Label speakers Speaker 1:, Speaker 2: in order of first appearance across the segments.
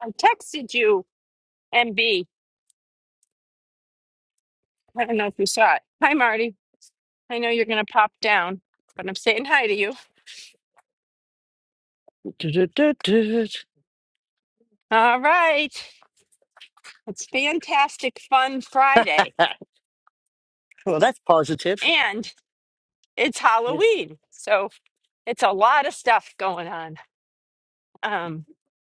Speaker 1: I texted you, MB. I don't know if you saw it. Hi, Marty. I know you're going to pop down, but I'm saying hi to you.
Speaker 2: Du-du-du-du.
Speaker 1: All right. It's fantastic, fun Friday,
Speaker 2: well, that's positive.
Speaker 1: and it's
Speaker 2: Yes.
Speaker 1: Halloween. So it's a lot of stuff going on. Um,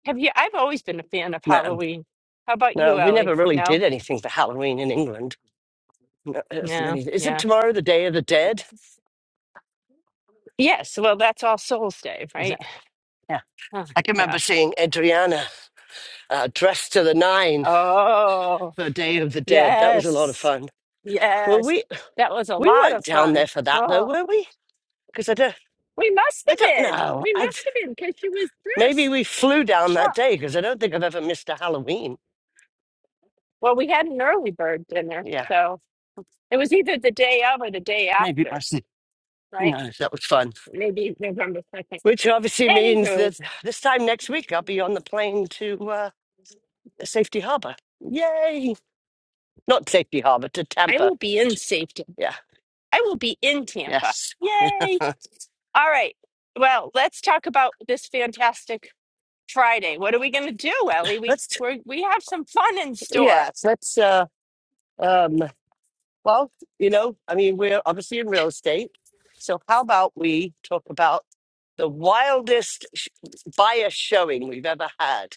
Speaker 1: have you? I've always been a fan of
Speaker 2: No,
Speaker 1: Halloween. How about
Speaker 2: no,
Speaker 1: you,
Speaker 2: we
Speaker 1: Ellie?
Speaker 2: never really
Speaker 1: No?
Speaker 2: did anything for Halloween in England. No, it wasn't
Speaker 1: No,
Speaker 2: any- Is it
Speaker 1: yeah.
Speaker 2: tomorrow the Day of the Dead?
Speaker 1: Yes, well, that's All Souls Day,
Speaker 2: Is it?
Speaker 1: right?
Speaker 2: Yeah.
Speaker 1: Huh,
Speaker 2: I can
Speaker 1: yeah.
Speaker 2: remember seeing Adriana uh, dressed to the nine
Speaker 1: Oh,
Speaker 2: for Day of the Dead. That was a lot of
Speaker 1: yes.
Speaker 2: fun. Well,
Speaker 1: Yes,
Speaker 2: we
Speaker 1: that was a
Speaker 2: we
Speaker 1: lot
Speaker 2: weren't
Speaker 1: of
Speaker 2: down there
Speaker 1: fun.
Speaker 2: for that though,
Speaker 1: Oh,
Speaker 2: were we? Because I don't,
Speaker 1: we must
Speaker 2: I
Speaker 1: have
Speaker 2: don't
Speaker 1: been.
Speaker 2: know.
Speaker 1: We
Speaker 2: I
Speaker 1: must have been because she was
Speaker 2: maybe
Speaker 1: dressed.
Speaker 2: we flew down that
Speaker 1: Yeah.
Speaker 2: day because I don't think I've ever missed a Halloween.
Speaker 1: Well, we had an early bird dinner,
Speaker 2: Yeah,
Speaker 1: so it was either the day of or the day
Speaker 2: maybe it
Speaker 1: after,
Speaker 2: must. Who
Speaker 1: right?
Speaker 2: knows? That was fun.
Speaker 1: Maybe November second.
Speaker 2: which obviously means
Speaker 1: Anywho,
Speaker 2: that this time next week I'll be on the plane to uh, Safety Harbor. Yay! Not Safety Harbor to
Speaker 1: I
Speaker 2: Tampa.
Speaker 1: will be in safety.
Speaker 2: Yeah.
Speaker 1: I will be in Tampa.
Speaker 2: Yes. Yeah.
Speaker 1: Yay! All right. Well, let's talk about this fantastic Friday. What are we going to do, Ellie? We
Speaker 2: Let's.
Speaker 1: we're, we have some fun in store.
Speaker 2: Yeah. Let's. Uh, um. Well, you know, I mean, we're obviously in real estate, so how about we talk about the wildest sh- buyer showing we've ever had?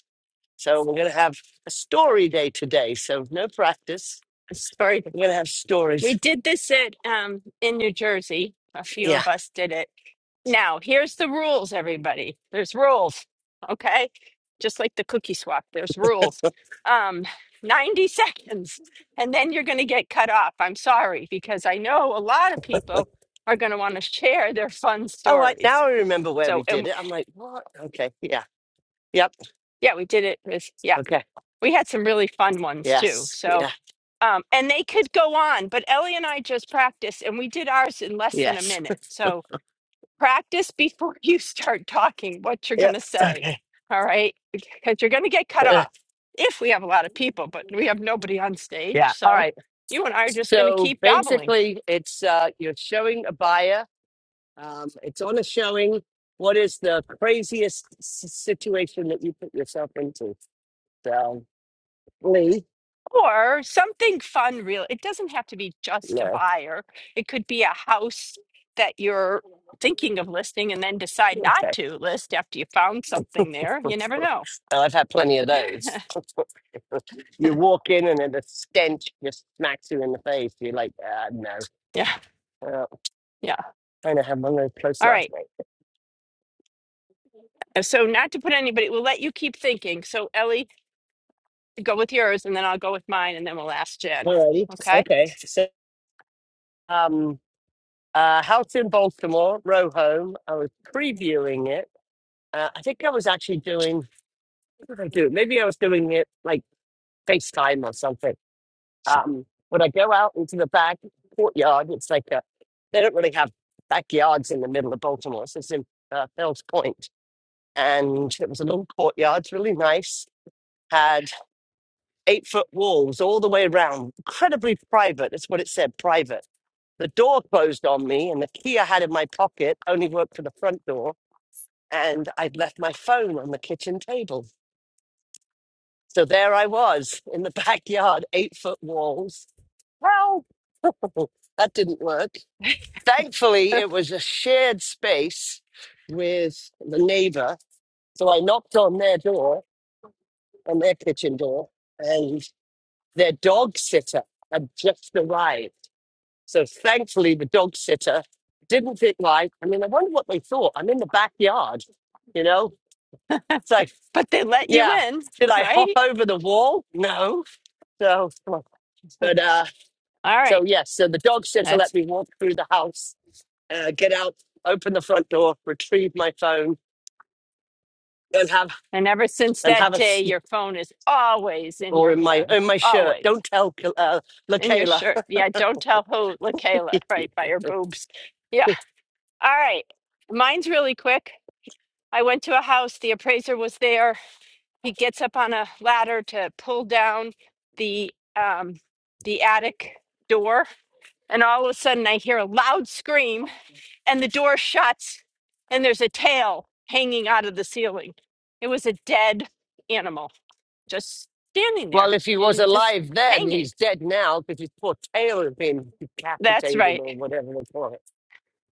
Speaker 2: So we're going to have a story day today. So no practice.
Speaker 1: Story.
Speaker 2: We're going to have
Speaker 1: We
Speaker 2: stories.
Speaker 1: did this at um, in New Jersey. A few
Speaker 2: Yeah.
Speaker 1: of us did it. Now, here's the rules, everybody. There's rules, okay? Just like the cookie swap, there's rules. Um, 90 seconds, and then you're going to get cut off. I'm sorry, because I know a lot of people are going to want to share their fun
Speaker 2: Oh, I,
Speaker 1: stories.
Speaker 2: now I remember where we
Speaker 1: So, and
Speaker 2: did it. I'm like, what? Okay. Yeah. Yep.
Speaker 1: yeah, we did it with, yeah,
Speaker 2: Okay.
Speaker 1: we had some really fun ones too.
Speaker 2: Yes.
Speaker 1: So,
Speaker 2: Yeah.
Speaker 1: um, and they could go on, but Ellie and I just practiced and we did ours in less than a
Speaker 2: Yes.
Speaker 1: minute. So, practice before you start talking what you're going
Speaker 2: Yep.
Speaker 1: to say.
Speaker 2: Okay.
Speaker 1: All right. Because you're going to get cut
Speaker 2: Uh,
Speaker 1: off if we have a lot of people, but we have nobody on stage.
Speaker 2: yeah. All
Speaker 1: So
Speaker 2: right.
Speaker 1: you and I are just going to
Speaker 2: So
Speaker 1: keep babbling
Speaker 2: basically, it's uh, you're showing a buyer. Um, it's on a showing. What is the craziest s- situation that you put yourself into? So, Lee.
Speaker 1: or something fun, real. It doesn't have to be just a
Speaker 2: No.
Speaker 1: buyer, it could be a house that you're thinking of listing and then decide not
Speaker 2: Okay.
Speaker 1: to list after you found something there. You never know.
Speaker 2: I've had plenty of those. you walk in and then the stench just smacks you in the face. You're like, ah, no.
Speaker 1: yeah.
Speaker 2: Uh,
Speaker 1: Yeah.
Speaker 2: I know how long I was close
Speaker 1: All
Speaker 2: last
Speaker 1: right.
Speaker 2: night.
Speaker 1: So, not to put anybody, we'll let you keep thinking. So, Ellie, Go with yours, and then I'll go with mine, and then we'll ask Jen.
Speaker 2: Alrighty.
Speaker 1: Okay?
Speaker 2: Okay. So, um, uh, house in Baltimore, row home. I was previewing it. Uh, I think I was actually doing, what did I do? Maybe I was doing it like FaceTime or something. Um, when I go out into the back courtyard, it's like a, they don't really have backyards in the middle of Baltimore. So it's in uh, Fells Point. And it was a little courtyard, it's really nice. Had eight foot walls all the way around, incredibly private. That's what it said, private. The door closed on me, and the key I had in my pocket only worked for the front door. And I'd left my phone on the kitchen table. So there I was in the backyard, eight foot walls. Well, that didn't work. Thankfully, it was a shared space with the neighbor. So I knocked on their door, on their kitchen door, and their dog sitter had just arrived. So thankfully, the dog sitter didn't think like, I mean, I wonder what they thought. I'm in the backyard, you know? It's like,
Speaker 1: But they let you
Speaker 2: yeah,
Speaker 1: in,
Speaker 2: did I hop
Speaker 1: right?
Speaker 2: over the wall? No. So,
Speaker 1: All
Speaker 2: but, uh, so
Speaker 1: right.
Speaker 2: yes, so the dog sitter
Speaker 1: That's
Speaker 2: let me walk through the house, uh, get out, open the front door, retrieve my phone, and have
Speaker 1: and ever since
Speaker 2: and
Speaker 1: that
Speaker 2: have a
Speaker 1: day, your phone is always
Speaker 2: s-
Speaker 1: in
Speaker 2: or
Speaker 1: your
Speaker 2: in my
Speaker 1: hand,
Speaker 2: in my shirt.
Speaker 1: always
Speaker 2: Don't tell Kil- uh,
Speaker 1: in your
Speaker 2: LaKayla.
Speaker 1: shirt. Yeah, don't tell who, LaKayla, right by her boobs. Yeah. All right. Mine's really quick. I went to a house. The appraiser was there. He gets up on a ladder to pull down the um the attic door And all of a sudden, I hear a loud scream, and the door shuts, and there's a tail hanging out of the ceiling. It was a dead animal just standing there,
Speaker 2: well, if he was
Speaker 1: and just
Speaker 2: alive then,
Speaker 1: hanging.
Speaker 2: he's dead now because his poor tail has been
Speaker 1: That's
Speaker 2: decapitated
Speaker 1: right.
Speaker 2: or whatever they call it.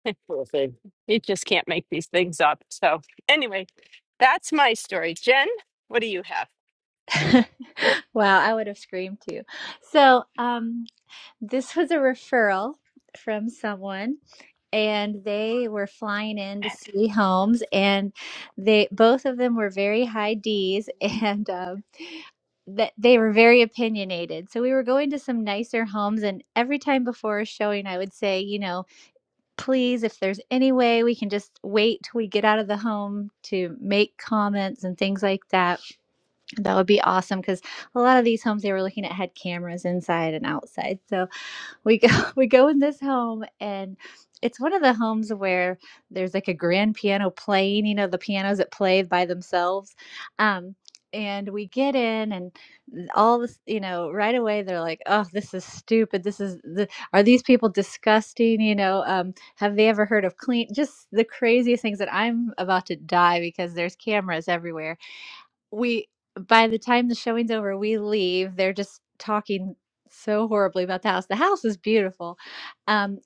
Speaker 2: Poor thing.
Speaker 1: You just can't make these things up. So, anyway, that's my story. Jen, what do you have?
Speaker 3: Wow, I would have screamed too. So, um, this was a referral from someone, and they were flying in to see homes, and they both of them were very high D's, and um, that they were very opinionated. So we were going to some nicer homes, and every time before a showing, I would say, you know, please, if there's any way we can just wait till we get out of the home to make comments and things like that that would be awesome because a lot of these homes they were looking at had cameras inside and outside. So we go we go in this home and it's one of the homes where there's like a grand piano playing, you know, the pianos that play by themselves. Um and we get in and th- all this, you know, right away they're like, "Oh, this is stupid. This is the are these people disgusting, you know, um have they ever heard of clean just the craziest things that I'm about to die because there's cameras everywhere we by the time the showing's over, we leave. They're just talking so horribly about the house. The house is beautiful. Um,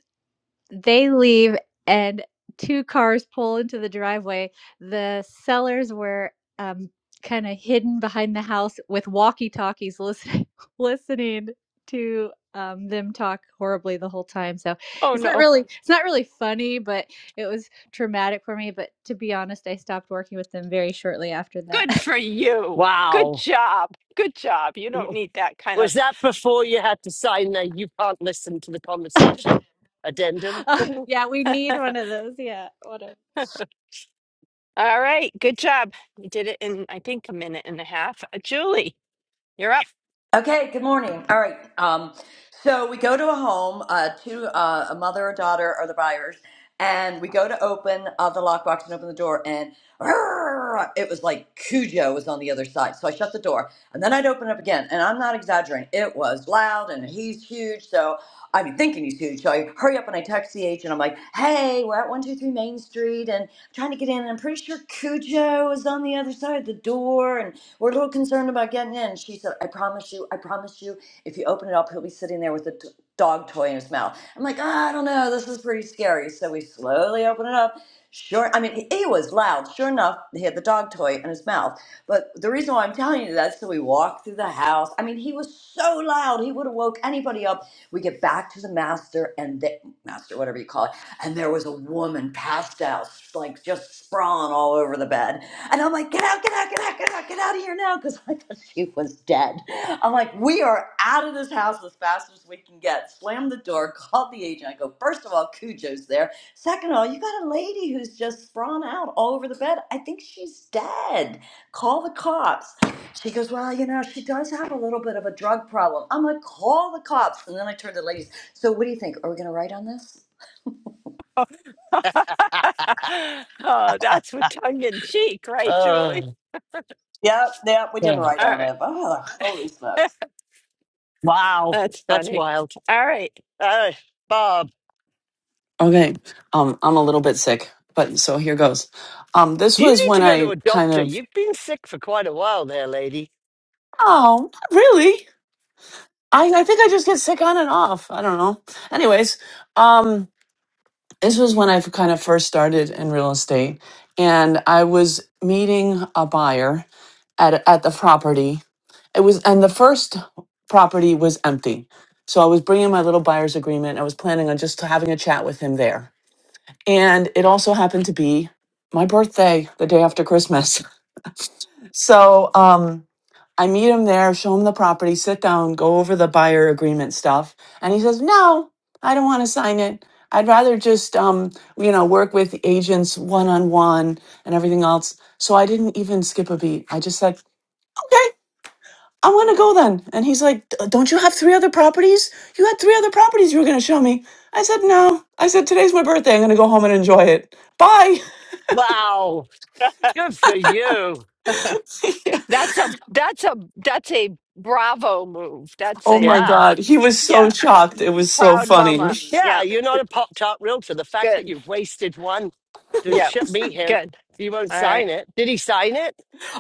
Speaker 3: they leave and two cars pull into the driveway. The sellers were um, kind of hidden behind the house with walkie-talkies listening listening to um, them talk horribly the whole time. So
Speaker 1: Oh,
Speaker 3: it's not
Speaker 1: no.
Speaker 3: really it's not really funny, but it was traumatic for me. But to be honest, I stopped working with them very shortly after
Speaker 1: Good
Speaker 3: that.
Speaker 1: for you. Good
Speaker 2: Wow.
Speaker 1: job. Good job. You don't
Speaker 2: W-
Speaker 1: need that kind
Speaker 2: Was
Speaker 1: of.
Speaker 2: that before you had to sign that you can't listen to the conversation addendum?
Speaker 3: yeah, we need one of those. Yeah, what a
Speaker 1: All right. Good job. You did it in, I think, a minute and a half. Uh, Julie, you're up.
Speaker 4: Okay, good morning. All right. Um, so we go to a home, uh, two, uh, a mother, a daughter are the buyers, and we go to open uh, the lockbox and open the door, and "Arrgh!" it was like Cujo was on the other side. So I shut the door, and then I'd open it up again, and I'm not exaggerating. It was loud, and he's huge, so I'm thinking he's huge. So I hurry up and I text the agent. I'm like, hey, we're at 123 Main Street, and I'm trying to get in, and I'm pretty sure Cujo is on the other side of the door, and we're a little concerned about getting in. She said, I promise you, I promise you, if you open it up, he'll be sitting there with a t- dog toy in his mouth. I'm like, "Ah, I don't know, this is pretty scary. So we slowly open it up. Sure, I mean, he he was loud. Sure enough, he had the dog toy in his mouth. But the reason why I'm telling you that is so we walk through the house. I mean, he was so loud, he would have woke anybody up. We get back to the master and the master, whatever you call it, and there was a woman passed out, like just sprawling all over the bed and I'm like, get out, get out, get out, get out, get out of here now, because I thought she was dead. I'm like, we are out of this house as fast as we can get. Slam the door, called the agent. I go, first of all, Cujo's there. Second of all, you got a lady who's just sprawn out all over the bed. I think she's dead. Call the cops. She goes, well, you know, she does have a little bit of a drug problem. I'm like, call the cops. And then I turn to the ladies. So what do you think? Are we going to write on this?
Speaker 1: Oh, that's with tongue in cheek, right, Julie?
Speaker 2: Oh,
Speaker 4: Yep, yep, we didn't
Speaker 2: yeah.
Speaker 4: write
Speaker 1: All
Speaker 4: on
Speaker 1: right.
Speaker 4: it. But, oh, holy smokes.
Speaker 2: wow.
Speaker 1: That's
Speaker 2: That's
Speaker 1: funny.
Speaker 2: wild.
Speaker 1: All right.
Speaker 2: Uh, Bob,
Speaker 5: Okay. Um, I'm a little bit sick, but so here goes. Um, this
Speaker 2: you
Speaker 5: was
Speaker 2: need to
Speaker 5: when
Speaker 2: go to
Speaker 5: I
Speaker 2: a
Speaker 5: kind
Speaker 2: doctor.
Speaker 5: of,
Speaker 2: You've been sick for quite a while there, lady.
Speaker 5: oh, not really? I, I think I just get sick on and off. I don't know. Anyways, um, this was when I kind of first started in real estate, and I was meeting a buyer at at the property. It was, and the first property was empty, so I was bringing my little buyer's agreement. I was planning on just having a chat with him there and it also happened to be my birthday the day after christmas so um i meet him there show him the property sit down go over the buyer agreement stuff and he says no i don't want to sign it i'd rather just um you know work with agents one-on-one and everything else so i didn't even skip a beat i just said okay i want to go then and he's like "D- don't you have three other properties you had three other properties you were going to show me i said no i said today's my birthday i'm going to go home and enjoy it bye
Speaker 2: Wow. Good for you.
Speaker 1: That's a that's a that's a bravo move. That's
Speaker 5: Oh
Speaker 1: a
Speaker 5: my
Speaker 2: Yeah.
Speaker 5: God. He was so
Speaker 1: yeah.
Speaker 5: shocked. It was so
Speaker 1: Proud
Speaker 5: funny.
Speaker 1: mama.
Speaker 2: Yeah.
Speaker 1: Yeah.
Speaker 2: You're not a pop top realtor. The fact that
Speaker 1: Good.
Speaker 2: you wasted one to
Speaker 1: Yeah.
Speaker 2: ship meet him,
Speaker 1: Good.
Speaker 2: he won't
Speaker 1: All
Speaker 2: sign
Speaker 1: right.
Speaker 2: it. Did he sign it?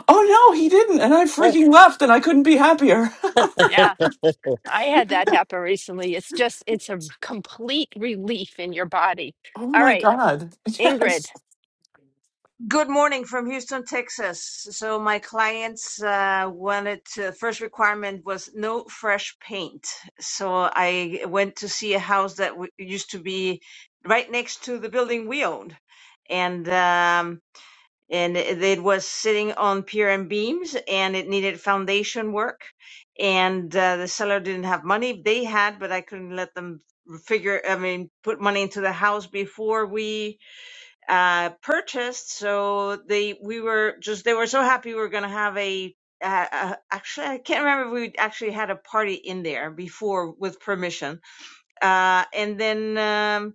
Speaker 5: Oh no, he didn't. And I freaking left and I couldn't be happier.
Speaker 1: Yeah. I had that happen recently. It's just it's a complete relief in your body.
Speaker 5: Oh
Speaker 1: All
Speaker 5: my
Speaker 1: right.
Speaker 5: God.
Speaker 1: Ingrid,
Speaker 5: Yes.
Speaker 6: Good morning from Houston, Texas. So my clients uh, wanted to, first requirement was no fresh paint. So I went to see a house that w- used to be right next to the building we owned, and um, and it it was sitting on pier and beams, and it needed foundation work, and uh, the seller didn't have money. They had, but I couldn't let them figure. I mean, put money into the house before we uh, purchased. So they, we were just, they were so happy we were going to have a, uh, uh, actually, I can't remember if we actually had a party in there before with permission. Uh, and then, um,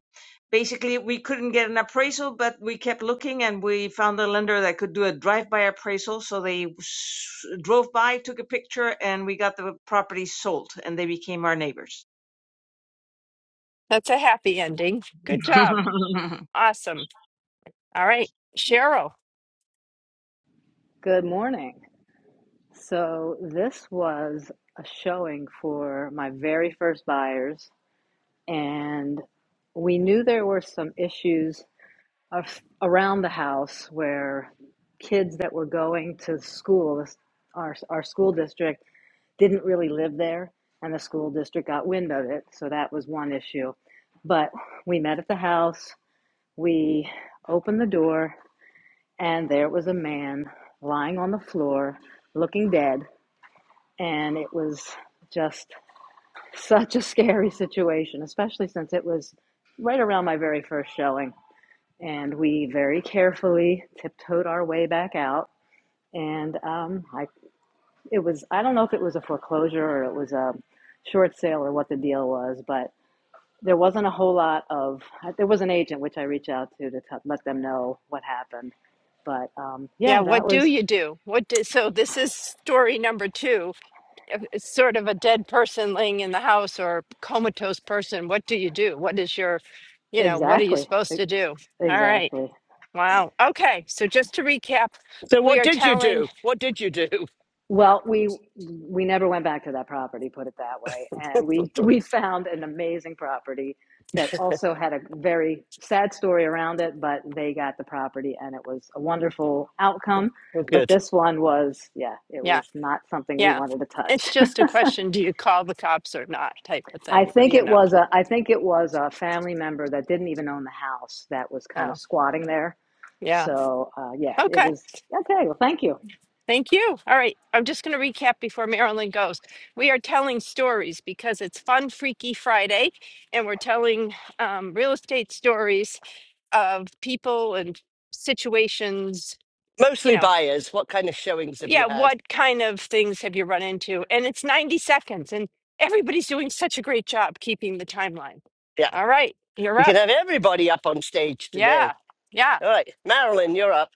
Speaker 6: basically we couldn't get an appraisal, but we kept looking and we found a lender that could do a drive-by appraisal. So they s- drove by, took a picture and we got the property sold and they became our neighbors.
Speaker 1: that's a happy ending. Good job. Awesome. All right. Cheryl.
Speaker 7: Good morning. So, this was a showing for my very first buyers, and we knew there were some issues of, around the house where kids that were going to school, this- our, our school district, didn't really live there, and the school district got wind of it. So, that was one issue. But we met at the house, we opened the door, and there was a man lying on the floor looking dead and it was just such a scary situation, especially since it was right around my very first showing. And we very carefully tiptoed our way back out. And um, I, it was, I don't know if it was a foreclosure or it was a short sale or what the deal was, but there wasn't a whole lot of, there was an agent which I reached out to to t- let them know what happened. But um,
Speaker 1: Yeah,
Speaker 7: yeah, that
Speaker 1: what do
Speaker 7: was
Speaker 1: you do? What do, so this is story number two. If It's sort of a dead person laying in the house or comatose person. What do you do? What is your, you know, what are you
Speaker 7: exactly,
Speaker 1: supposed
Speaker 7: e-
Speaker 1: to do? All right.
Speaker 7: exactly.
Speaker 1: Wow. Okay. So just to recap,
Speaker 2: so,
Speaker 1: we
Speaker 2: what
Speaker 1: are
Speaker 2: did you
Speaker 1: telling,
Speaker 2: do? What did you do?
Speaker 7: Well, we we never went back to that property, put it that way. And we we found an amazing property that also had a very sad story around it, but they got the property and it was a wonderful outcome.
Speaker 2: well,
Speaker 7: But
Speaker 2: good.
Speaker 7: this one was, yeah, it
Speaker 1: yeah,
Speaker 7: was not something we
Speaker 1: yeah.
Speaker 7: wanted to
Speaker 1: It's
Speaker 7: touch.
Speaker 1: just a question, do you call the cops or not type of
Speaker 7: I
Speaker 1: thing,
Speaker 7: think
Speaker 1: you
Speaker 7: it
Speaker 1: know?
Speaker 7: was a I think it was a family member that didn't even own the house that was kind of
Speaker 1: Oh,
Speaker 7: squatting there.
Speaker 1: yeah.
Speaker 7: So, uh, yeah, it
Speaker 1: Okay.
Speaker 7: was okay. Well, thank you.
Speaker 1: Thank you. All right. I'm just going to recap before Marilyn goes. We are telling stories because it's Fun Freaky Friday, and we're telling um, real estate stories of people and situations. You
Speaker 2: Mostly
Speaker 1: know,
Speaker 2: buyers. What kind of showings have you
Speaker 1: yeah,
Speaker 2: had?
Speaker 1: what kind of things have you run into? And it's 90 seconds, and everybody's doing such a great job keeping the timeline.
Speaker 2: Yeah.
Speaker 1: All right. You're
Speaker 2: We can
Speaker 1: up.
Speaker 2: have everybody up on stage today.
Speaker 1: Yeah. Yeah.
Speaker 2: All right. Marilyn, you're up.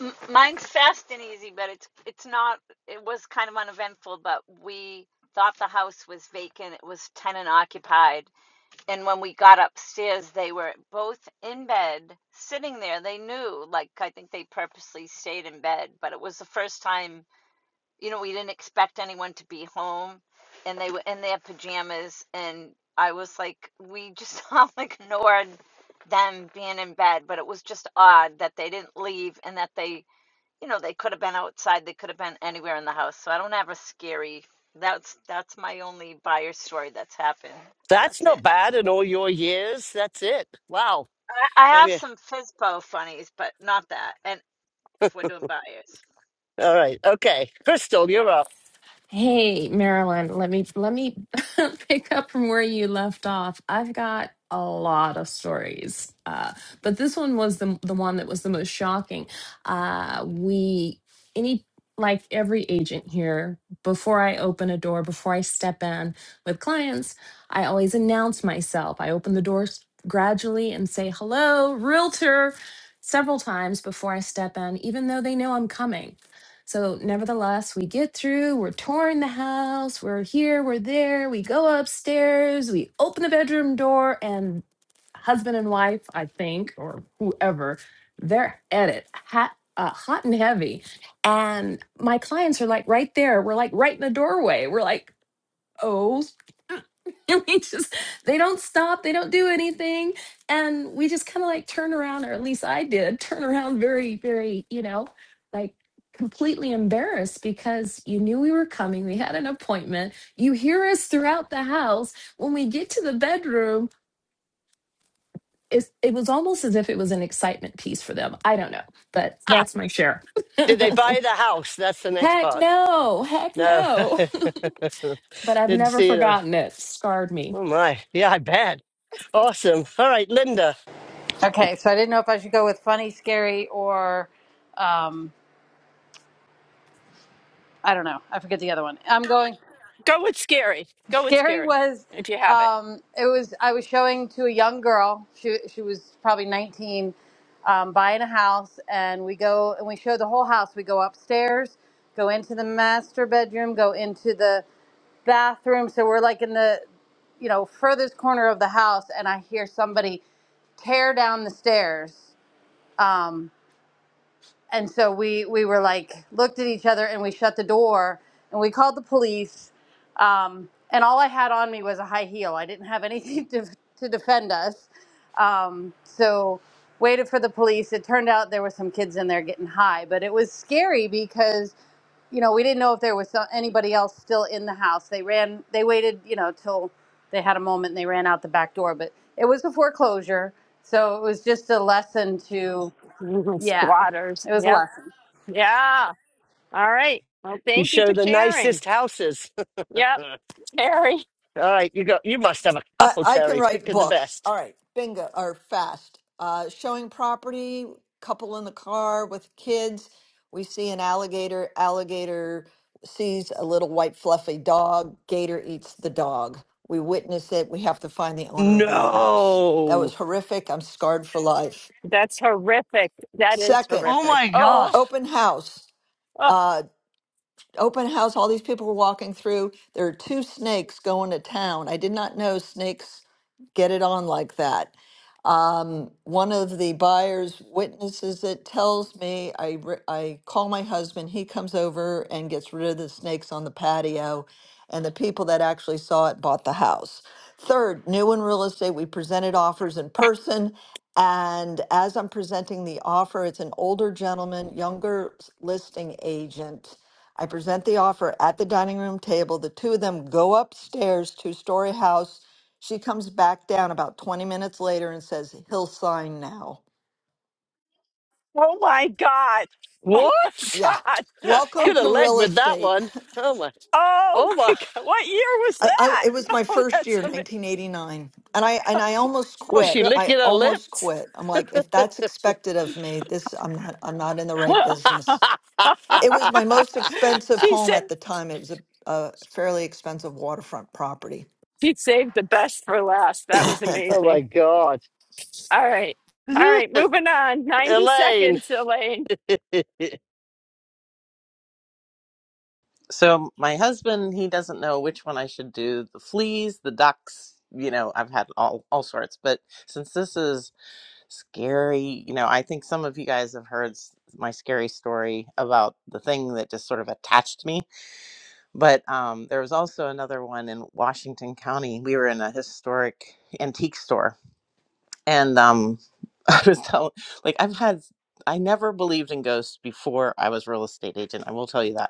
Speaker 8: M- Mine's fast and easy, but it's it's not. It was kind of uneventful, but we thought the house was vacant. It was tenant occupied, and when we got upstairs, they were both in bed, sitting there. They knew, like I think they purposely stayed in bed, but it was the first time. You know, we didn't expect anyone to be home, and they were in their pajamas, and I was like, we just all ignored them being in bed, but it was just odd that they didn't leave and that they you know, they could have been outside, they could have been anywhere in the house. So I don't have a scary. That's that's my only buyer story that's happened. So
Speaker 2: That's
Speaker 8: that's it.
Speaker 2: not bad in all your years. That's it. Wow.
Speaker 8: I, I have
Speaker 2: Maybe.
Speaker 8: some FISBO funnies, but not that. And if we're doing buyers,
Speaker 2: All right. Okay. Crystal, you're up.
Speaker 9: Hey, Marilyn, let me let me pick up from where you left off. I've got a lot of stories, uh, but this one was the the one that was the most shocking. Uh, we any like every agent here, before I open a door, before I step in with clients, I always announce myself. I open the doors gradually and say hello, realtor, several times before I step in, even though they know I'm coming. So, nevertheless, we get through, we're touring the house, we're here, we're there, we go upstairs, we open the bedroom door, and husband and wife, I think, or whoever, they're at it hot, uh, hot and heavy. And my clients are like right there. We're like right in the doorway. We're like, oh. and we just they don't stop they don't do anything and we just kind of like turn around or at least i did turn around very very you know like completely embarrassed because you knew we were coming we had an appointment you hear us throughout the house when we get to the bedroom it's, it was almost as if it was an excitement piece for them i don't know but
Speaker 2: Ah,
Speaker 9: that's my share
Speaker 2: did they buy the house? That's the next
Speaker 9: heck
Speaker 2: part.
Speaker 9: no heck
Speaker 2: No,
Speaker 9: no but i've
Speaker 2: didn't
Speaker 9: never
Speaker 2: see it. Oh
Speaker 9: forgotten it scarred me
Speaker 2: oh my, yeah, I bet. Awesome. All right, Linda,
Speaker 10: Okay, so I didn't know if I should go with funny, scary, or um, I don't know. I forget the other one. I'm going.
Speaker 1: Go with scary. Go with
Speaker 10: Scary
Speaker 1: scary
Speaker 10: was
Speaker 1: if you have it.
Speaker 10: um, it was I was showing to a young girl. She she was probably 19, um, buying a house, and we go and we show the whole house. We go upstairs, go into the master bedroom, go into the bathroom. So we're like in the you know furthest corner of the house, and I hear somebody tear down the stairs. Um, and so we we were like looked at each other and we shut the door and we called the police um, and all i had on me was a high heel i didn't have anything to, to defend us um, so waited for the police it turned out there were some kids in there getting high but it was scary because you know we didn't know if there was so- anybody else still in the house they ran they waited you know till they had a moment and they ran out the back door but it was a foreclosure so it was just a lesson to yeah,
Speaker 1: Squatters.
Speaker 10: it was a
Speaker 1: Yep.
Speaker 10: lesson.
Speaker 1: Yeah. All right. Well,
Speaker 2: you
Speaker 1: thank you
Speaker 2: show
Speaker 1: for
Speaker 2: the
Speaker 1: sharing.
Speaker 2: nicest houses.
Speaker 1: Yep,
Speaker 2: All
Speaker 1: Terry.
Speaker 2: right, you go. You must have a
Speaker 11: I,
Speaker 2: couple,
Speaker 11: I can
Speaker 2: Terry. Pick
Speaker 11: write
Speaker 2: of the
Speaker 11: books.
Speaker 2: best.
Speaker 11: All right, bingo or fast. Uh, showing property, couple in the car with kids. We see an alligator. Alligator sees a little white fluffy dog. Gator eats the dog. We witness it. We have to find the owner of that house. That
Speaker 2: No.
Speaker 11: was horrific. I'm scarred for life.
Speaker 1: That's horrific. That is
Speaker 11: Second,
Speaker 2: Oh
Speaker 1: horrific.
Speaker 2: my God.
Speaker 1: Oh,
Speaker 11: open house.
Speaker 1: oh,
Speaker 11: Uh, open house. All these people were walking through. There are two snakes going to town. I did not know snakes get it on like that. one of the buyer's witnesses that tells me I, re- I call my husband he comes over and gets rid of the snakes on the patio and the people that actually saw it bought the house third new in real estate we presented offers in person and as i'm presenting the offer it's an older gentleman younger s- listing agent i present the offer at the dining room table the two of them go upstairs two story house she comes back down about 20 minutes later and says, He'll sign now.
Speaker 1: oh my God. Oh my
Speaker 2: What?
Speaker 11: Yeah.
Speaker 1: God. Oh
Speaker 11: Welcome
Speaker 2: Could have
Speaker 11: to
Speaker 1: my.
Speaker 2: led
Speaker 11: real
Speaker 2: with that
Speaker 11: estate.
Speaker 2: one. Oh my.
Speaker 1: Oh
Speaker 2: Oh
Speaker 1: my
Speaker 2: my.
Speaker 1: God. What year was
Speaker 11: I, I,
Speaker 1: that?
Speaker 11: it was my
Speaker 1: Oh,
Speaker 11: first
Speaker 1: that's
Speaker 11: year,
Speaker 1: amazing.
Speaker 11: 1989, and I and I almost
Speaker 2: Was
Speaker 1: Oh
Speaker 11: quit.
Speaker 2: she
Speaker 1: God.
Speaker 11: I
Speaker 2: licking her
Speaker 11: almost
Speaker 2: lips?
Speaker 11: quit. I'm like, if that's expected of me, this I'm not. I'm not in the right business. It was my most expensive
Speaker 1: she
Speaker 11: home
Speaker 1: said
Speaker 11: at the time. It was a, a fairly expensive waterfront property
Speaker 1: she saved the best for last. That was
Speaker 2: oh my
Speaker 1: amazing.
Speaker 2: God.
Speaker 1: All right. All right. Moving on. 90
Speaker 2: Elaine.
Speaker 1: seconds, Elaine.
Speaker 12: So my husband, he doesn't know which one I should do. The fleas, the ducks, you know, I've had all all sorts. But since this is scary, you know, I think some of you guys have heard s- my scary story about the thing that just sort of attached me. But um, there was also another one in Washington County. We were in a historic antique store, and um, I was telling, like, I've had. I never believed in ghosts before I was real estate agent. I will tell you that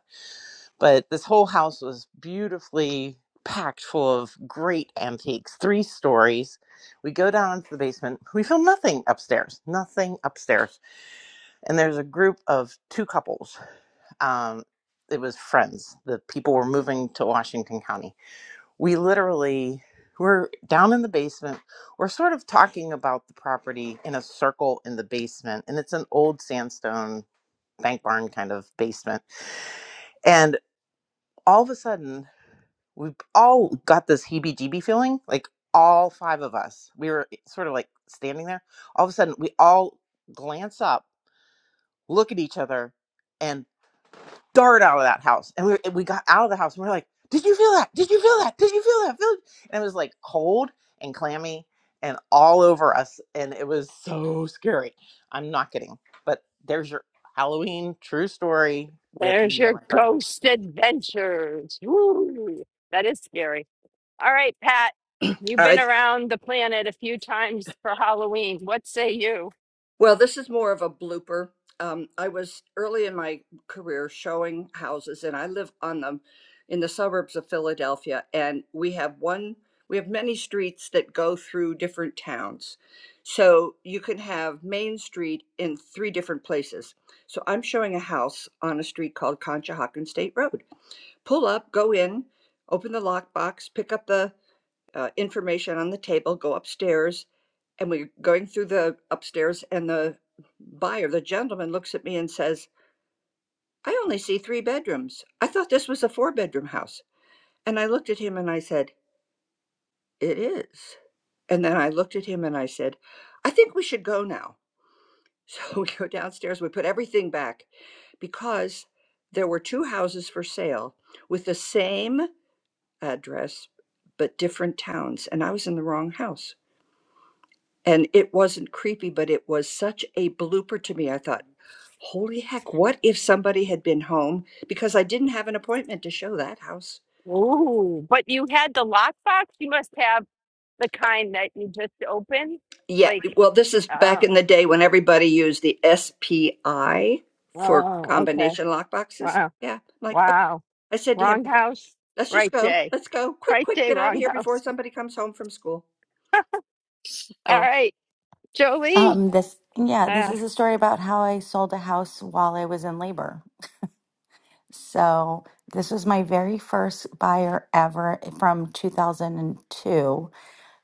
Speaker 12: but this whole house was beautifully packed full of great antiques three stories we go down into the basement we found nothing upstairs nothing upstairs and there's a group of two couples um, it was friends the people were moving to washington county we literally were down in the basement we're sort of talking about the property in a circle in the basement and it's an old sandstone bank barn kind of basement and all of a sudden we all got this heebie jeebie feeling like all five of us we were sort of like standing there all of a sudden we all glance up look at each other and dart out of that house and we, and we got out of the house and we are like did you feel that did you feel that did you feel that feel it?" and it was like cold and clammy and all over us and it was so scary i'm not kidding but there's your halloween true story with me
Speaker 1: There's
Speaker 12: and my
Speaker 1: your
Speaker 12: partner.
Speaker 1: ghost adventures. Woo! That is scary. All right, Pat, you've
Speaker 13: All
Speaker 1: been
Speaker 13: right.
Speaker 1: around the planet a few times for Halloween. What say you?
Speaker 13: Well, this is more of a blooper. Um, I was early in my career showing houses, and I live on them in the suburbs of Philadelphia. And we have one, we have many streets that go through different towns. So you can have Main Street in three different places. So I'm showing a house on a street called Conshohocken State Road. Pull up, go in, open the lockbox, pick up the uh, information on the table, go upstairs, and we're going through the upstairs, and the buyer, the gentleman, looks at me and says, I only see three bedrooms. I thought this was a four bedroom house. And I looked at him and I said, It is. And then I looked at him and I said, I think we should go now. So we go downstairs, we put everything back because there were two houses for sale with the same address but different towns. And I was in the wrong house. and it wasn't creepy, but it was such a blooper to me. I thought, holy heck, what if somebody had been home? Because I didn't have an appointment to show that house.
Speaker 1: Ooh, but you had the lockbox. You must have the kind that you just open.
Speaker 13: Yeah,
Speaker 1: Like,
Speaker 13: well, this is back
Speaker 1: oh,
Speaker 13: in the day when everybody used the SPI for
Speaker 1: oh, okay.
Speaker 13: combination lockboxes.
Speaker 1: Wow,
Speaker 13: Yeah, like oh,
Speaker 1: wow.
Speaker 13: I said to him,
Speaker 1: Wrong house,
Speaker 13: let's just
Speaker 1: right
Speaker 13: go,
Speaker 1: day.
Speaker 13: let's go, quick,
Speaker 1: Right
Speaker 13: quick,
Speaker 1: day,
Speaker 13: get out of
Speaker 1: wrong
Speaker 13: here before
Speaker 1: house.
Speaker 13: somebody comes home from school. So.
Speaker 1: All right, Jolie.
Speaker 14: Um, this, yeah, this
Speaker 1: uh,
Speaker 14: is a story about how I sold a house while I was in labor. So this was my very first buyer ever from 2002.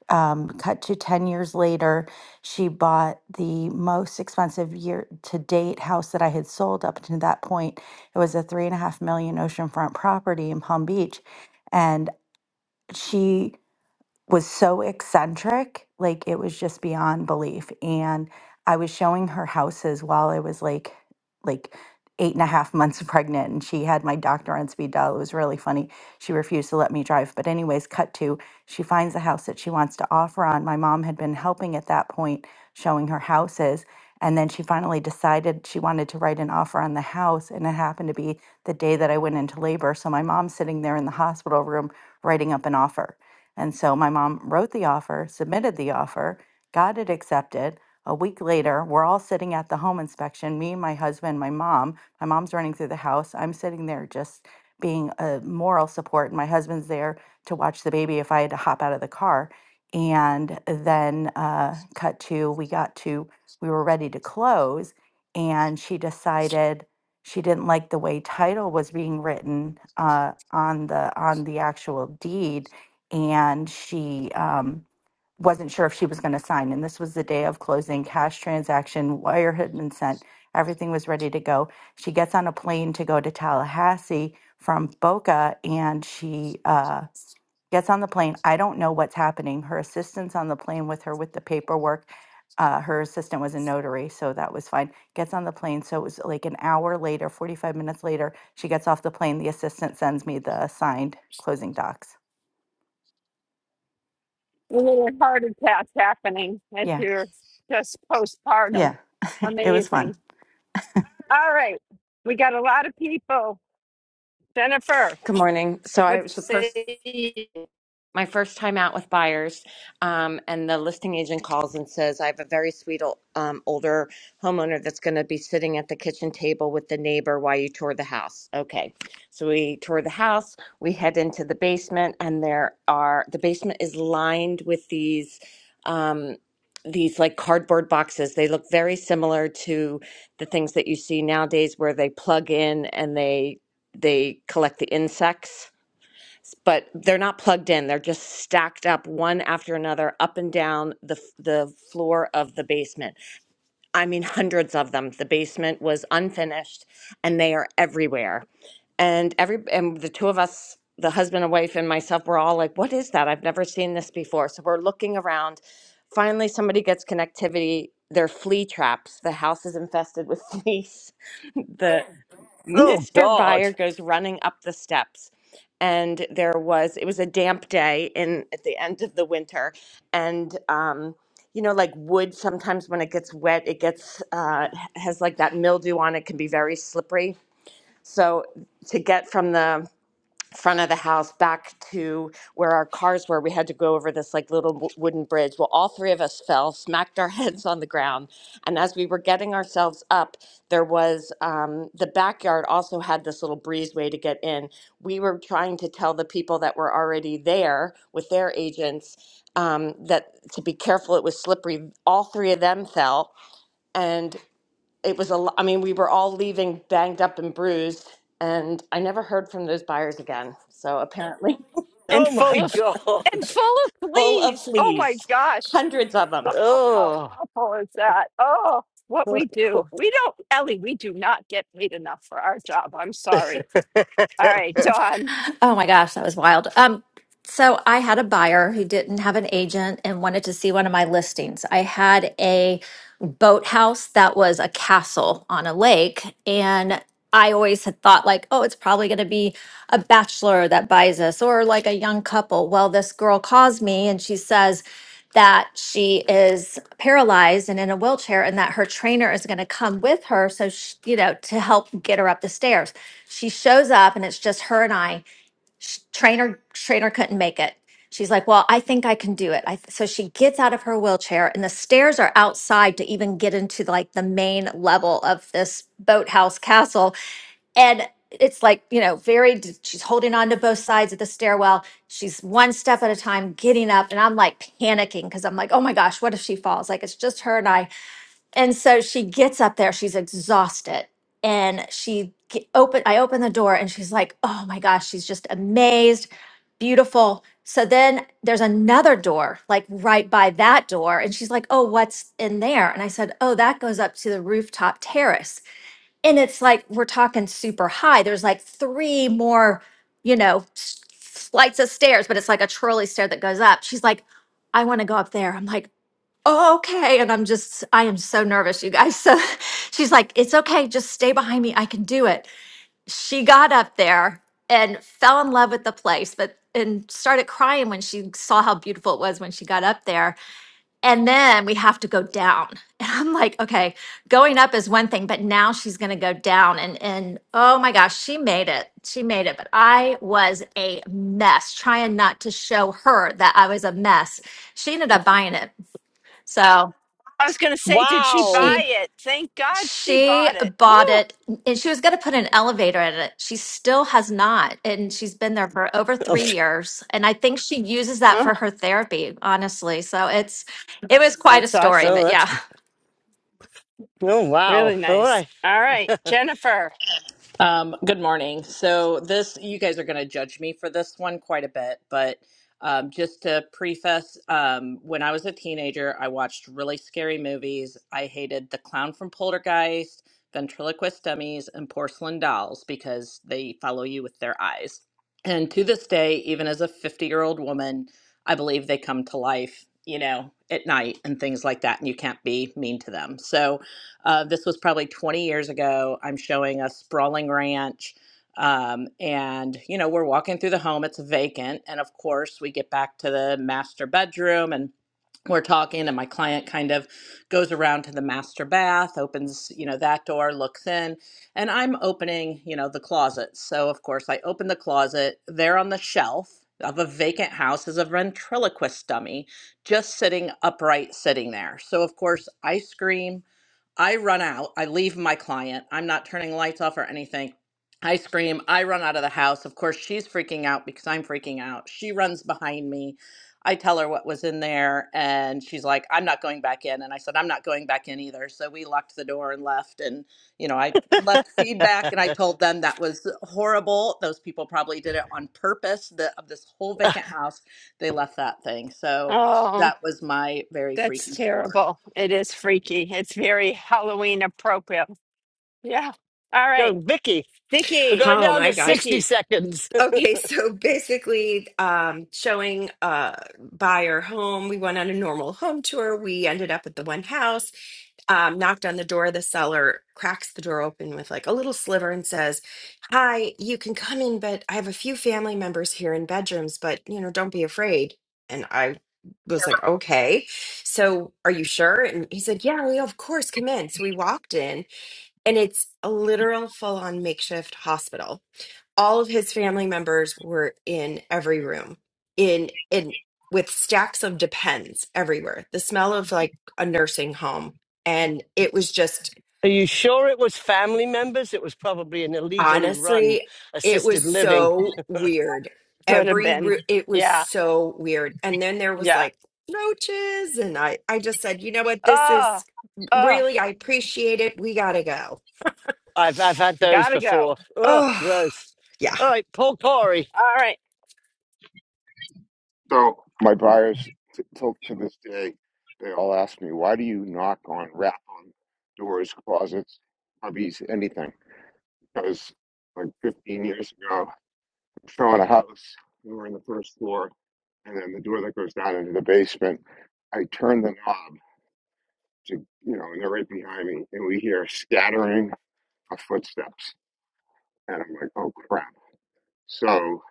Speaker 14: Um, cut to 10 years later, she bought the most expensive year to date house that I had sold up to that point. It was a three and a half million oceanfront property in Palm Beach. And she was so eccentric, like it was just beyond belief. And I was showing her houses while I was like, like eight and a half months pregnant, and she had my doctor on speed dial. It was really funny. She refused to let me drive, but anyways, cut to she finds a house that she wants to offer on. My mom had been helping at that point, showing her houses. And then she finally decided she wanted to write an offer on the house. And it happened to be the day that I went into labor. So my mom's sitting there in the hospital room writing up an offer and so my mom wrote the offer, submitted the offer, got it accepted. A week later, we're all sitting at the home inspection me, my husband, my mom. My mom's running through the house. I'm sitting there just being a moral support. And my husband's there to watch the baby if I had to hop out of the car. And then, uh, cut to, we got to, we were ready to close. And she decided she didn't like the way title was being written uh, on the on the actual deed and she um, wasn't sure if she was going to sign. And this was the day of closing, cash transaction, wire had been sent, everything was ready to go. She gets on a plane to go to Tallahassee from Boca, and she uh, gets on the plane. I don't know what's happening. Her assistant's on the plane with her with the paperwork. Uh, her assistant was a notary, so that was fine. Gets on the plane. So it was like an hour later, 45 minutes later, she gets off the plane. The assistant sends me the signed closing docs.
Speaker 1: A little heart attack happening as
Speaker 14: Yeah.
Speaker 1: you're just postpartum.
Speaker 14: Yeah, it was fun.
Speaker 1: Amazing. All right. We got a lot of people. Jennifer,
Speaker 15: Good morning. So I
Speaker 1: what
Speaker 15: it was
Speaker 1: you
Speaker 15: the first,
Speaker 1: say?
Speaker 15: my first time out with buyers, um, and the listing agent calls and says, "I have a very sweet ol- um, older homeowner that's going to be sitting at the kitchen table with the neighbor while you tour the house." Okay, so we tour the house. We head into the basement, and there are the basement is lined with these. Um, these like cardboard boxes they look very similar to the things that you see nowadays where they plug in and they they collect the insects but they're not plugged in. They're just stacked up one after another up and down the f- the floor of the basement. I mean hundreds of them. The basement was unfinished and they are everywhere. And every and the two of us, the husband and wife and myself were all like, "What is that? I've never seen this before." So we're looking around. Finally somebody gets connectivity. They're flea traps. The house is infested with fleas the
Speaker 2: oh
Speaker 15: Mr.
Speaker 2: God.
Speaker 15: Buyer goes running up the steps. And there was, it was a damp day in at the end of the winter. And, um, you know, like wood, sometimes when it gets wet, it gets, uh, has like that mildew on it, can be very slippery. So to get from the front of the house back to where our cars were. We had to go over this like little w- wooden bridge. Well, all three of us fell, smacked our heads on the ground. And as we were getting ourselves up, there was um, the backyard also had this little breezeway to get in. We were trying to tell the people that were already there with their agents um, that to be careful, it was slippery. All three of them fell. and it was a lo- I mean, we were all leaving banged up and bruised, and I never heard from those buyers again. So apparently,
Speaker 1: And
Speaker 2: Oh
Speaker 1: full
Speaker 2: my
Speaker 1: of and
Speaker 2: god.
Speaker 1: full of
Speaker 15: full of
Speaker 1: fleas. Oh my
Speaker 15: fleas,
Speaker 1: gosh.
Speaker 15: hundreds of them.
Speaker 1: Oh, how
Speaker 2: Oh.
Speaker 1: awful is that? Oh, what
Speaker 2: Oh,
Speaker 1: we do.
Speaker 2: God.
Speaker 1: We don't, Ellie, we do not get paid enough for our job. I'm sorry. All right, Dawn.
Speaker 16: Oh my gosh, that was wild. Um, so I had a buyer who didn't have an agent and wanted to see one of my listings. I had a boathouse that was a castle on a lake, and I always had thought like, oh, it's probably going to be a bachelor that buys this or like a young couple. Well, this girl calls me and she says that she is paralyzed and in a wheelchair and that her trainer is going to come with her so she, you know to help get her up the stairs. She shows up and it's just her and I Sh- trainer trainer couldn't make it she's like well i think i can do it I th- so she gets out of her wheelchair and the stairs are outside to even get into like the main level of this boathouse castle and it's like you know very d- she's holding on to both sides of the stairwell she's one step at a time getting up and i'm like panicking because i'm like oh my gosh what if she falls like it's just her and i and so she gets up there, she's exhausted, and she ge- open I open the door and she's like, "Oh my gosh, she's just amazed, beautiful." So then there's another door like right by that door and she's like, "Oh, what's in there?" And I said, "Oh, that goes up to the rooftop terrace." And it's like we're talking super high. There's like three more, you know, s- flights of stairs, but it's like a trolley stair that goes up. She's like, "I want to go up there." I'm like, oh, okay. And I'm just, I am so nervous, you guys. So she's like, it's okay. Just stay behind me. I can do it. She got up there and fell in love with the place, but and started crying when she saw how beautiful it was when she got up there. And then we have to go down. And I'm like, okay, going up is one thing, but now she's gonna go down. And and oh my gosh, she made it. She made it. But I was a mess, trying not to show her that I was a mess. She ended up buying it. So
Speaker 1: I was going to say, did she
Speaker 2: wow.
Speaker 1: buy
Speaker 16: she
Speaker 1: it? Thank God she
Speaker 16: she
Speaker 1: bought it. Woo.
Speaker 16: bought it and she was going to put an elevator in it. She still has not and she's been there for over
Speaker 2: Oh,
Speaker 16: 3 years and I think she uses that for
Speaker 1: Oh,
Speaker 16: her therapy, honestly. So it's it was quite a
Speaker 1: that's
Speaker 16: story,
Speaker 1: awesome.
Speaker 2: oh,
Speaker 16: but
Speaker 2: that's
Speaker 16: yeah.
Speaker 2: oh wow.
Speaker 1: Really
Speaker 2: All
Speaker 1: nice.
Speaker 2: right.
Speaker 1: All right, Jennifer.
Speaker 17: Um, good morning. So this, you guys are going to judge me for this one quite a bit, but um, just to preface, um, when I was a teenager, I watched really scary movies. I hated The Clown from Poltergeist, Ventriloquist Dummies, and Porcelain Dolls because they follow you with their eyes. And to this day, even as a 50 year old woman, I believe they come to life, you know, at night and things like that, and you can't be mean to them. So, uh, this was probably 20 years ago. I'm showing a sprawling ranch. Um, and, you know, we're walking through the home, it's vacant. And of course, we get back to the master bedroom and we're talking, and my client kind of goes around to the master bath, opens, you know, that door, looks in, and I'm opening, you know, the closet. So, of course, I open the closet. There on the shelf of a vacant house is a ventriloquist dummy just sitting upright, sitting there. So, of course, I scream. I run out. I leave my client. I'm not turning lights off or anything. I scream. I run out of the house. Of course, she's freaking out because I'm freaking out. She runs behind me. I tell her what was in there, and she's like, I'm not going back in. And I said, I'm not going back in either. So we locked the door and left. And, you know, I left feedback and I told them that was horrible. Those people probably did it on purpose. The, of this whole vacant house, they left that thing. So
Speaker 1: Oh,
Speaker 17: that was my very
Speaker 1: that's
Speaker 17: freaky story.
Speaker 1: terrible. It is freaky. It's very Halloween appropriate. Yeah. All
Speaker 2: Go,
Speaker 1: right,
Speaker 2: Vicky. We're
Speaker 1: Vicky.
Speaker 2: going
Speaker 18: Oh
Speaker 2: down to
Speaker 18: my gosh.
Speaker 2: 60
Speaker 1: Vicky
Speaker 2: seconds.
Speaker 18: Okay, so basically, um, showing uh, buyer home, we went on a normal home tour. We ended up at the one house, um, knocked on the door. The seller cracks the door open with like a little sliver and says, "Hi, you can come in, but I have a few family members here in bedrooms, but you know, don't be afraid." And I was like, "Okay, so are you sure?" And he said, "Yeah, we of course come in." So we walked in, and it's a literal full-on makeshift hospital all of his family members were in every room in in with stacks of depends everywhere the smell of like a nursing home and it was just
Speaker 2: Are you sure it was family members? It was probably an illegally run
Speaker 18: honestly it was
Speaker 2: assisted living.
Speaker 18: so weird
Speaker 1: could have
Speaker 18: every
Speaker 1: been.
Speaker 18: ro- it was
Speaker 1: Yeah.
Speaker 18: so weird and then there was
Speaker 1: Yeah.
Speaker 18: like roaches and i i just said you know what this
Speaker 1: Oh,
Speaker 18: is
Speaker 1: oh,
Speaker 18: really i appreciate it we gotta go
Speaker 2: I've I've had those
Speaker 1: gotta go.
Speaker 2: before. Oh,
Speaker 18: oh
Speaker 2: gross.
Speaker 18: yeah
Speaker 2: All right, Paul Corey,
Speaker 1: All right,
Speaker 19: So my buyers, t- till to this day, they all ask me, "Why do you knock on, rap on doors, closets, hubbies, anything?" Because like 15 years ago, I'm showing a house. We were in the first floor, and then the door that goes down into the basement. I turn the knob to, you know, and they're right behind me, and we hear scattering of footsteps, and I'm like, "Oh crap!" So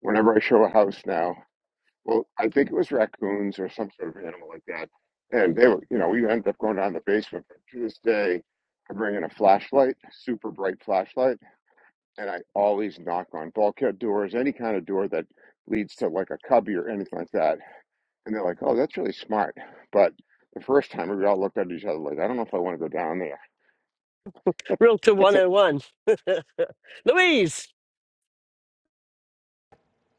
Speaker 19: whenever I show a house now. well, I think it was raccoons or some sort of animal like that. And they were, you know, we ended up going down the basement. But to this day, I bring in a flashlight, super bright flashlight, and I always knock on bulkhead doors, any kind of door that leads to like a cubby or anything like that. And they're like, oh, that's really smart. But the first time we all looked at each other like, I don't know if I want to go down there.
Speaker 2: Realtor
Speaker 19: That's a
Speaker 2: 101. Louise.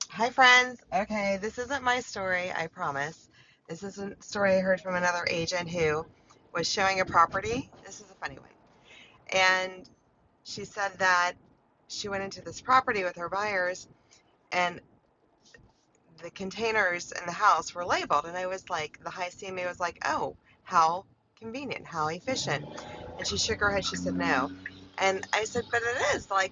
Speaker 20: Hi, friends. Okay, this isn't my story, I promise. This is a story I heard from another agent who was showing a property. This is a funny one. And she said that she went into this property with her buyers, and the containers in the house were labeled. And I was like, the high CMA was like, oh, how convenient, how efficient. And she shook her head. She said, no. And I said, but it is. Like,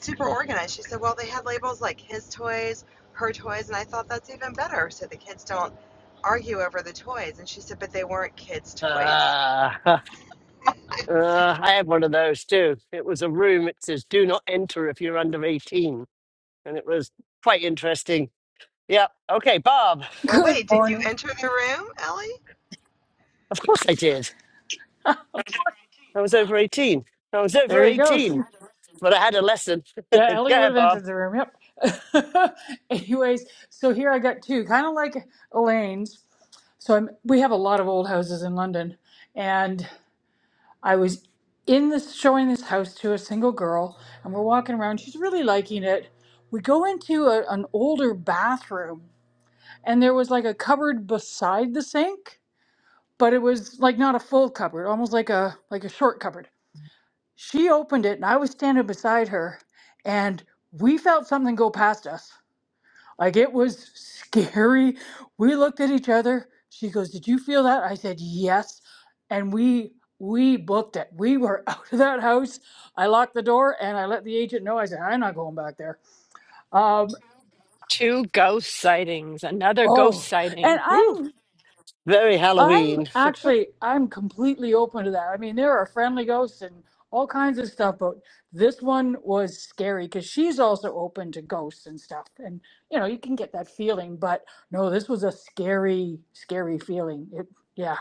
Speaker 20: super organized. She said, well, they had labels like his toys, her toys, and I thought that's even better so the kids don't argue over the toys. And she said, but they weren't kids' toys.
Speaker 2: Ah. Uh, I had one of those too. It was a room. It says, "Do not enter if you're under 18," and it was quite interesting. Yeah. Okay, Bob.
Speaker 20: Well,
Speaker 21: Good
Speaker 20: wait, did you
Speaker 21: morning.
Speaker 20: enter the room, Ellie?
Speaker 2: Of course I did. I was over 18. I was over
Speaker 21: There you go. She-
Speaker 2: 18, but I had a lesson. Go
Speaker 21: Yeah, Ellie would
Speaker 2: ahead,
Speaker 21: have
Speaker 2: Bob.
Speaker 21: entered the room. Yep. Anyways, so here I got two, kind of like Elaine's. So I'm, we have a lot of old houses in London, and I was in this showing this house to a single girl, and we're walking around. She's really liking it. We go into a, an older bathroom, and there was like a cupboard beside the sink, but it was like not a full cupboard, almost like a like a short cupboard She opened it and I was standing beside her and we felt something go past us. Like it was scary. We looked at each other. She goes, "Did you feel that?" I said, "Yes." And we we booked it. We were out of that house. I locked the door and I let the agent know. I said, "I'm not going back there." Um,
Speaker 1: two ghost sightings. Another ghost
Speaker 21: oh, and
Speaker 1: sighting. Woo.
Speaker 21: I'm
Speaker 2: Very
Speaker 21: I'm
Speaker 2: Halloween.
Speaker 21: actually I'm completely open to that. I mean, there are friendly ghosts and all kinds of stuff, but this one was scary because she's also open to ghosts and stuff, and you know you can get that feeling. But no, this was a scary, scary feeling. It, yeah,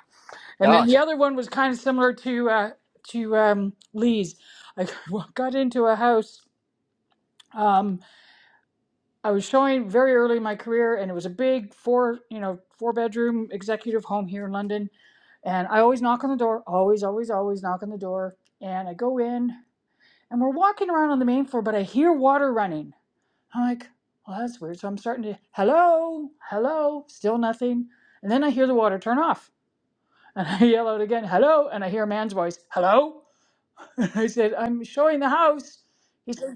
Speaker 21: and then
Speaker 2: God,
Speaker 21: the other one was kind of similar to uh, to um, Lee's. I got into a house. Um, I was showing very early in my career, and it was a big four, you know, four bedroom executive home here in London and I always knock on the door, always, always, always knock on the door. And I go in and we're walking around on the main floor, but I hear water running. I'm like, well, that's weird. So I'm starting to, hello, hello, still nothing. And then I hear the water turn off. And I yell out again, hello. And I hear a man's voice, hello. And I said, I'm showing the house. He said,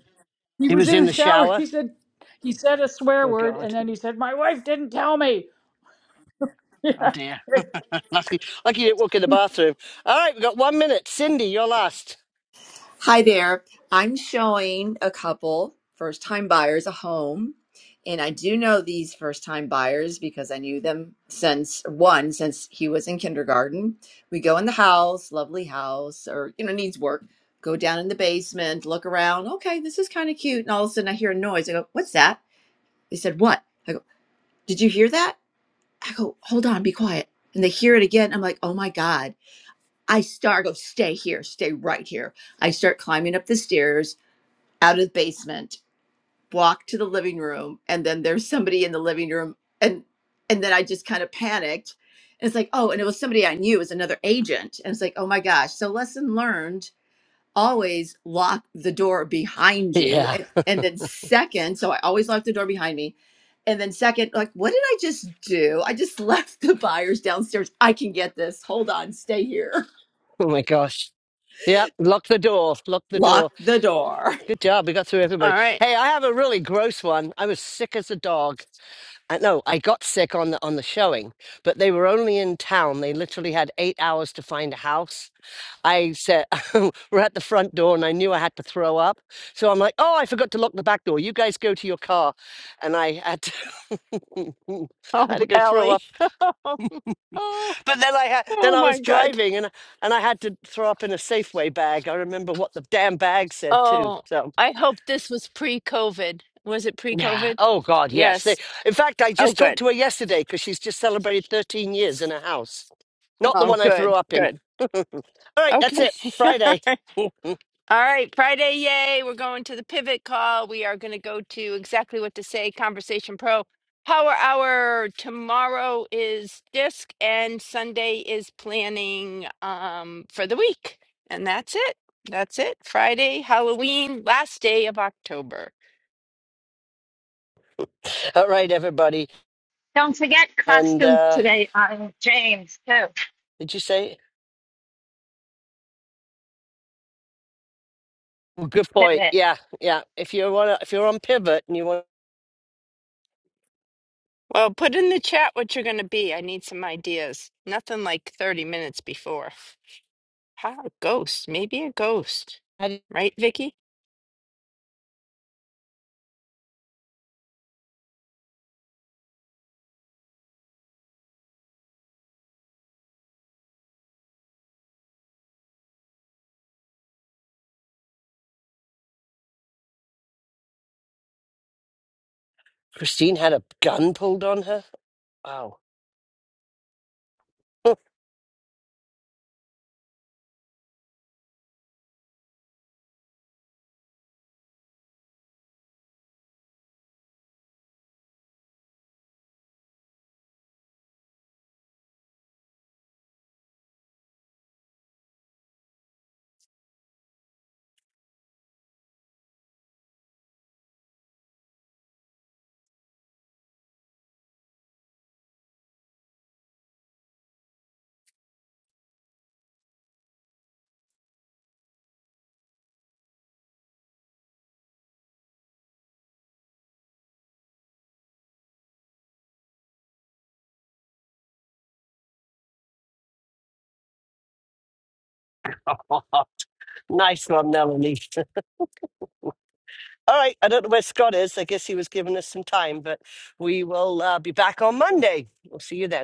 Speaker 21: he
Speaker 2: he
Speaker 21: was
Speaker 2: was in
Speaker 21: in the
Speaker 2: the
Speaker 21: shower.
Speaker 2: shower.
Speaker 21: He said, he said a swear
Speaker 2: Oh
Speaker 21: word. And
Speaker 2: God.
Speaker 21: then he said, my wife didn't tell me.
Speaker 2: Oh dear.
Speaker 21: Yeah.
Speaker 2: lucky, lucky you didn't walk in the bathroom. All right, we've got one minute. Cindy, you're last.
Speaker 22: Hi there. I'm showing a couple first time buyers a home. And I do know these first time buyers because I knew them since one, since he was in kindergarten. We go in the house, lovely house, or, you know, needs work. Go down in the basement, look around. Okay, this is kind of cute. And all of a sudden I hear a noise. I go, What's that? They said, What? I go, Did you hear that? I go, Hold on, be quiet. And they hear it again. I'm like, Oh my God. I start, I go, Stay here, stay right here. I start climbing up the stairs out of the basement, walk to the living room, and then there's somebody in the living room, and and then I just kind of panicked. And it's like, oh, and it was somebody I knew, it was another agent, and it's like, oh my gosh. So lesson learned: always lock the door behind you,
Speaker 2: Yeah.
Speaker 22: and, and then second, so I always lock the door behind me. And then second, like, what did I just do? I just left the buyers downstairs. I can get this. Hold on, stay here.
Speaker 2: Oh my gosh. Yeah. Lock the door. Lock the door.
Speaker 22: Lock the door.
Speaker 2: Good job. We got through
Speaker 1: All
Speaker 2: everybody.
Speaker 1: right.
Speaker 2: Hey, I have a really gross one. I was sick as a dog. I no, I got sick on the on the showing, but they were only in town. They literally had eight hours to find a house. I said we're at the front door and I knew I had to throw up. So I'm like, oh, I forgot to lock the back door. You guys go to your car. And I had to I
Speaker 1: Oh,
Speaker 2: had to go throw
Speaker 1: Ellie.
Speaker 2: up.
Speaker 1: Oh, oh,
Speaker 2: But then I had then
Speaker 1: oh
Speaker 2: I
Speaker 1: my
Speaker 2: was
Speaker 1: God.
Speaker 2: driving and and I had to throw up in a Safeway bag. I remember what the damn bag said too.
Speaker 1: Oh,
Speaker 2: So
Speaker 1: I hope this was pre-COVID. Was it
Speaker 2: Yeah.
Speaker 1: pre-COVID?
Speaker 2: Oh God, yes. They,
Speaker 1: Yes.
Speaker 2: in fact, I
Speaker 1: Oh,
Speaker 2: just
Speaker 1: good.
Speaker 2: talked to her yesterday because she's just celebrated 13 years in her house. Not the
Speaker 1: Oh,
Speaker 2: one I threw
Speaker 1: good,
Speaker 2: up in.
Speaker 1: good.
Speaker 2: All right,
Speaker 1: Okay.
Speaker 2: that's it. Friday.
Speaker 1: All right. Friday, yay. We're going to the pivot call. We are going to go to exactly what to say Conversation Pro Power Hour. Tomorrow is disc, and Sunday is planning um, for the week. And that's it. That's it. Friday, Halloween, last day of October.
Speaker 2: All right, everybody.
Speaker 8: Don't forget
Speaker 2: And
Speaker 8: costumes
Speaker 2: uh
Speaker 8: today on James too.
Speaker 2: did you say? Well, good point.
Speaker 8: Pivot.
Speaker 2: Yeah, yeah. If you want, if you're on pivot and you
Speaker 1: Well, put in the chat what you're going to be. I need some ideas. Nothing like 30 minutes before. How a ghost, maybe a ghost.
Speaker 2: want,
Speaker 1: Right, Vicky?
Speaker 2: Christine had a gun pulled on her. Wow. nice one, Melanie. All right. I don't know where Scott is. I guess he was giving us some time, but we will uh, be back on Monday. We'll see you then.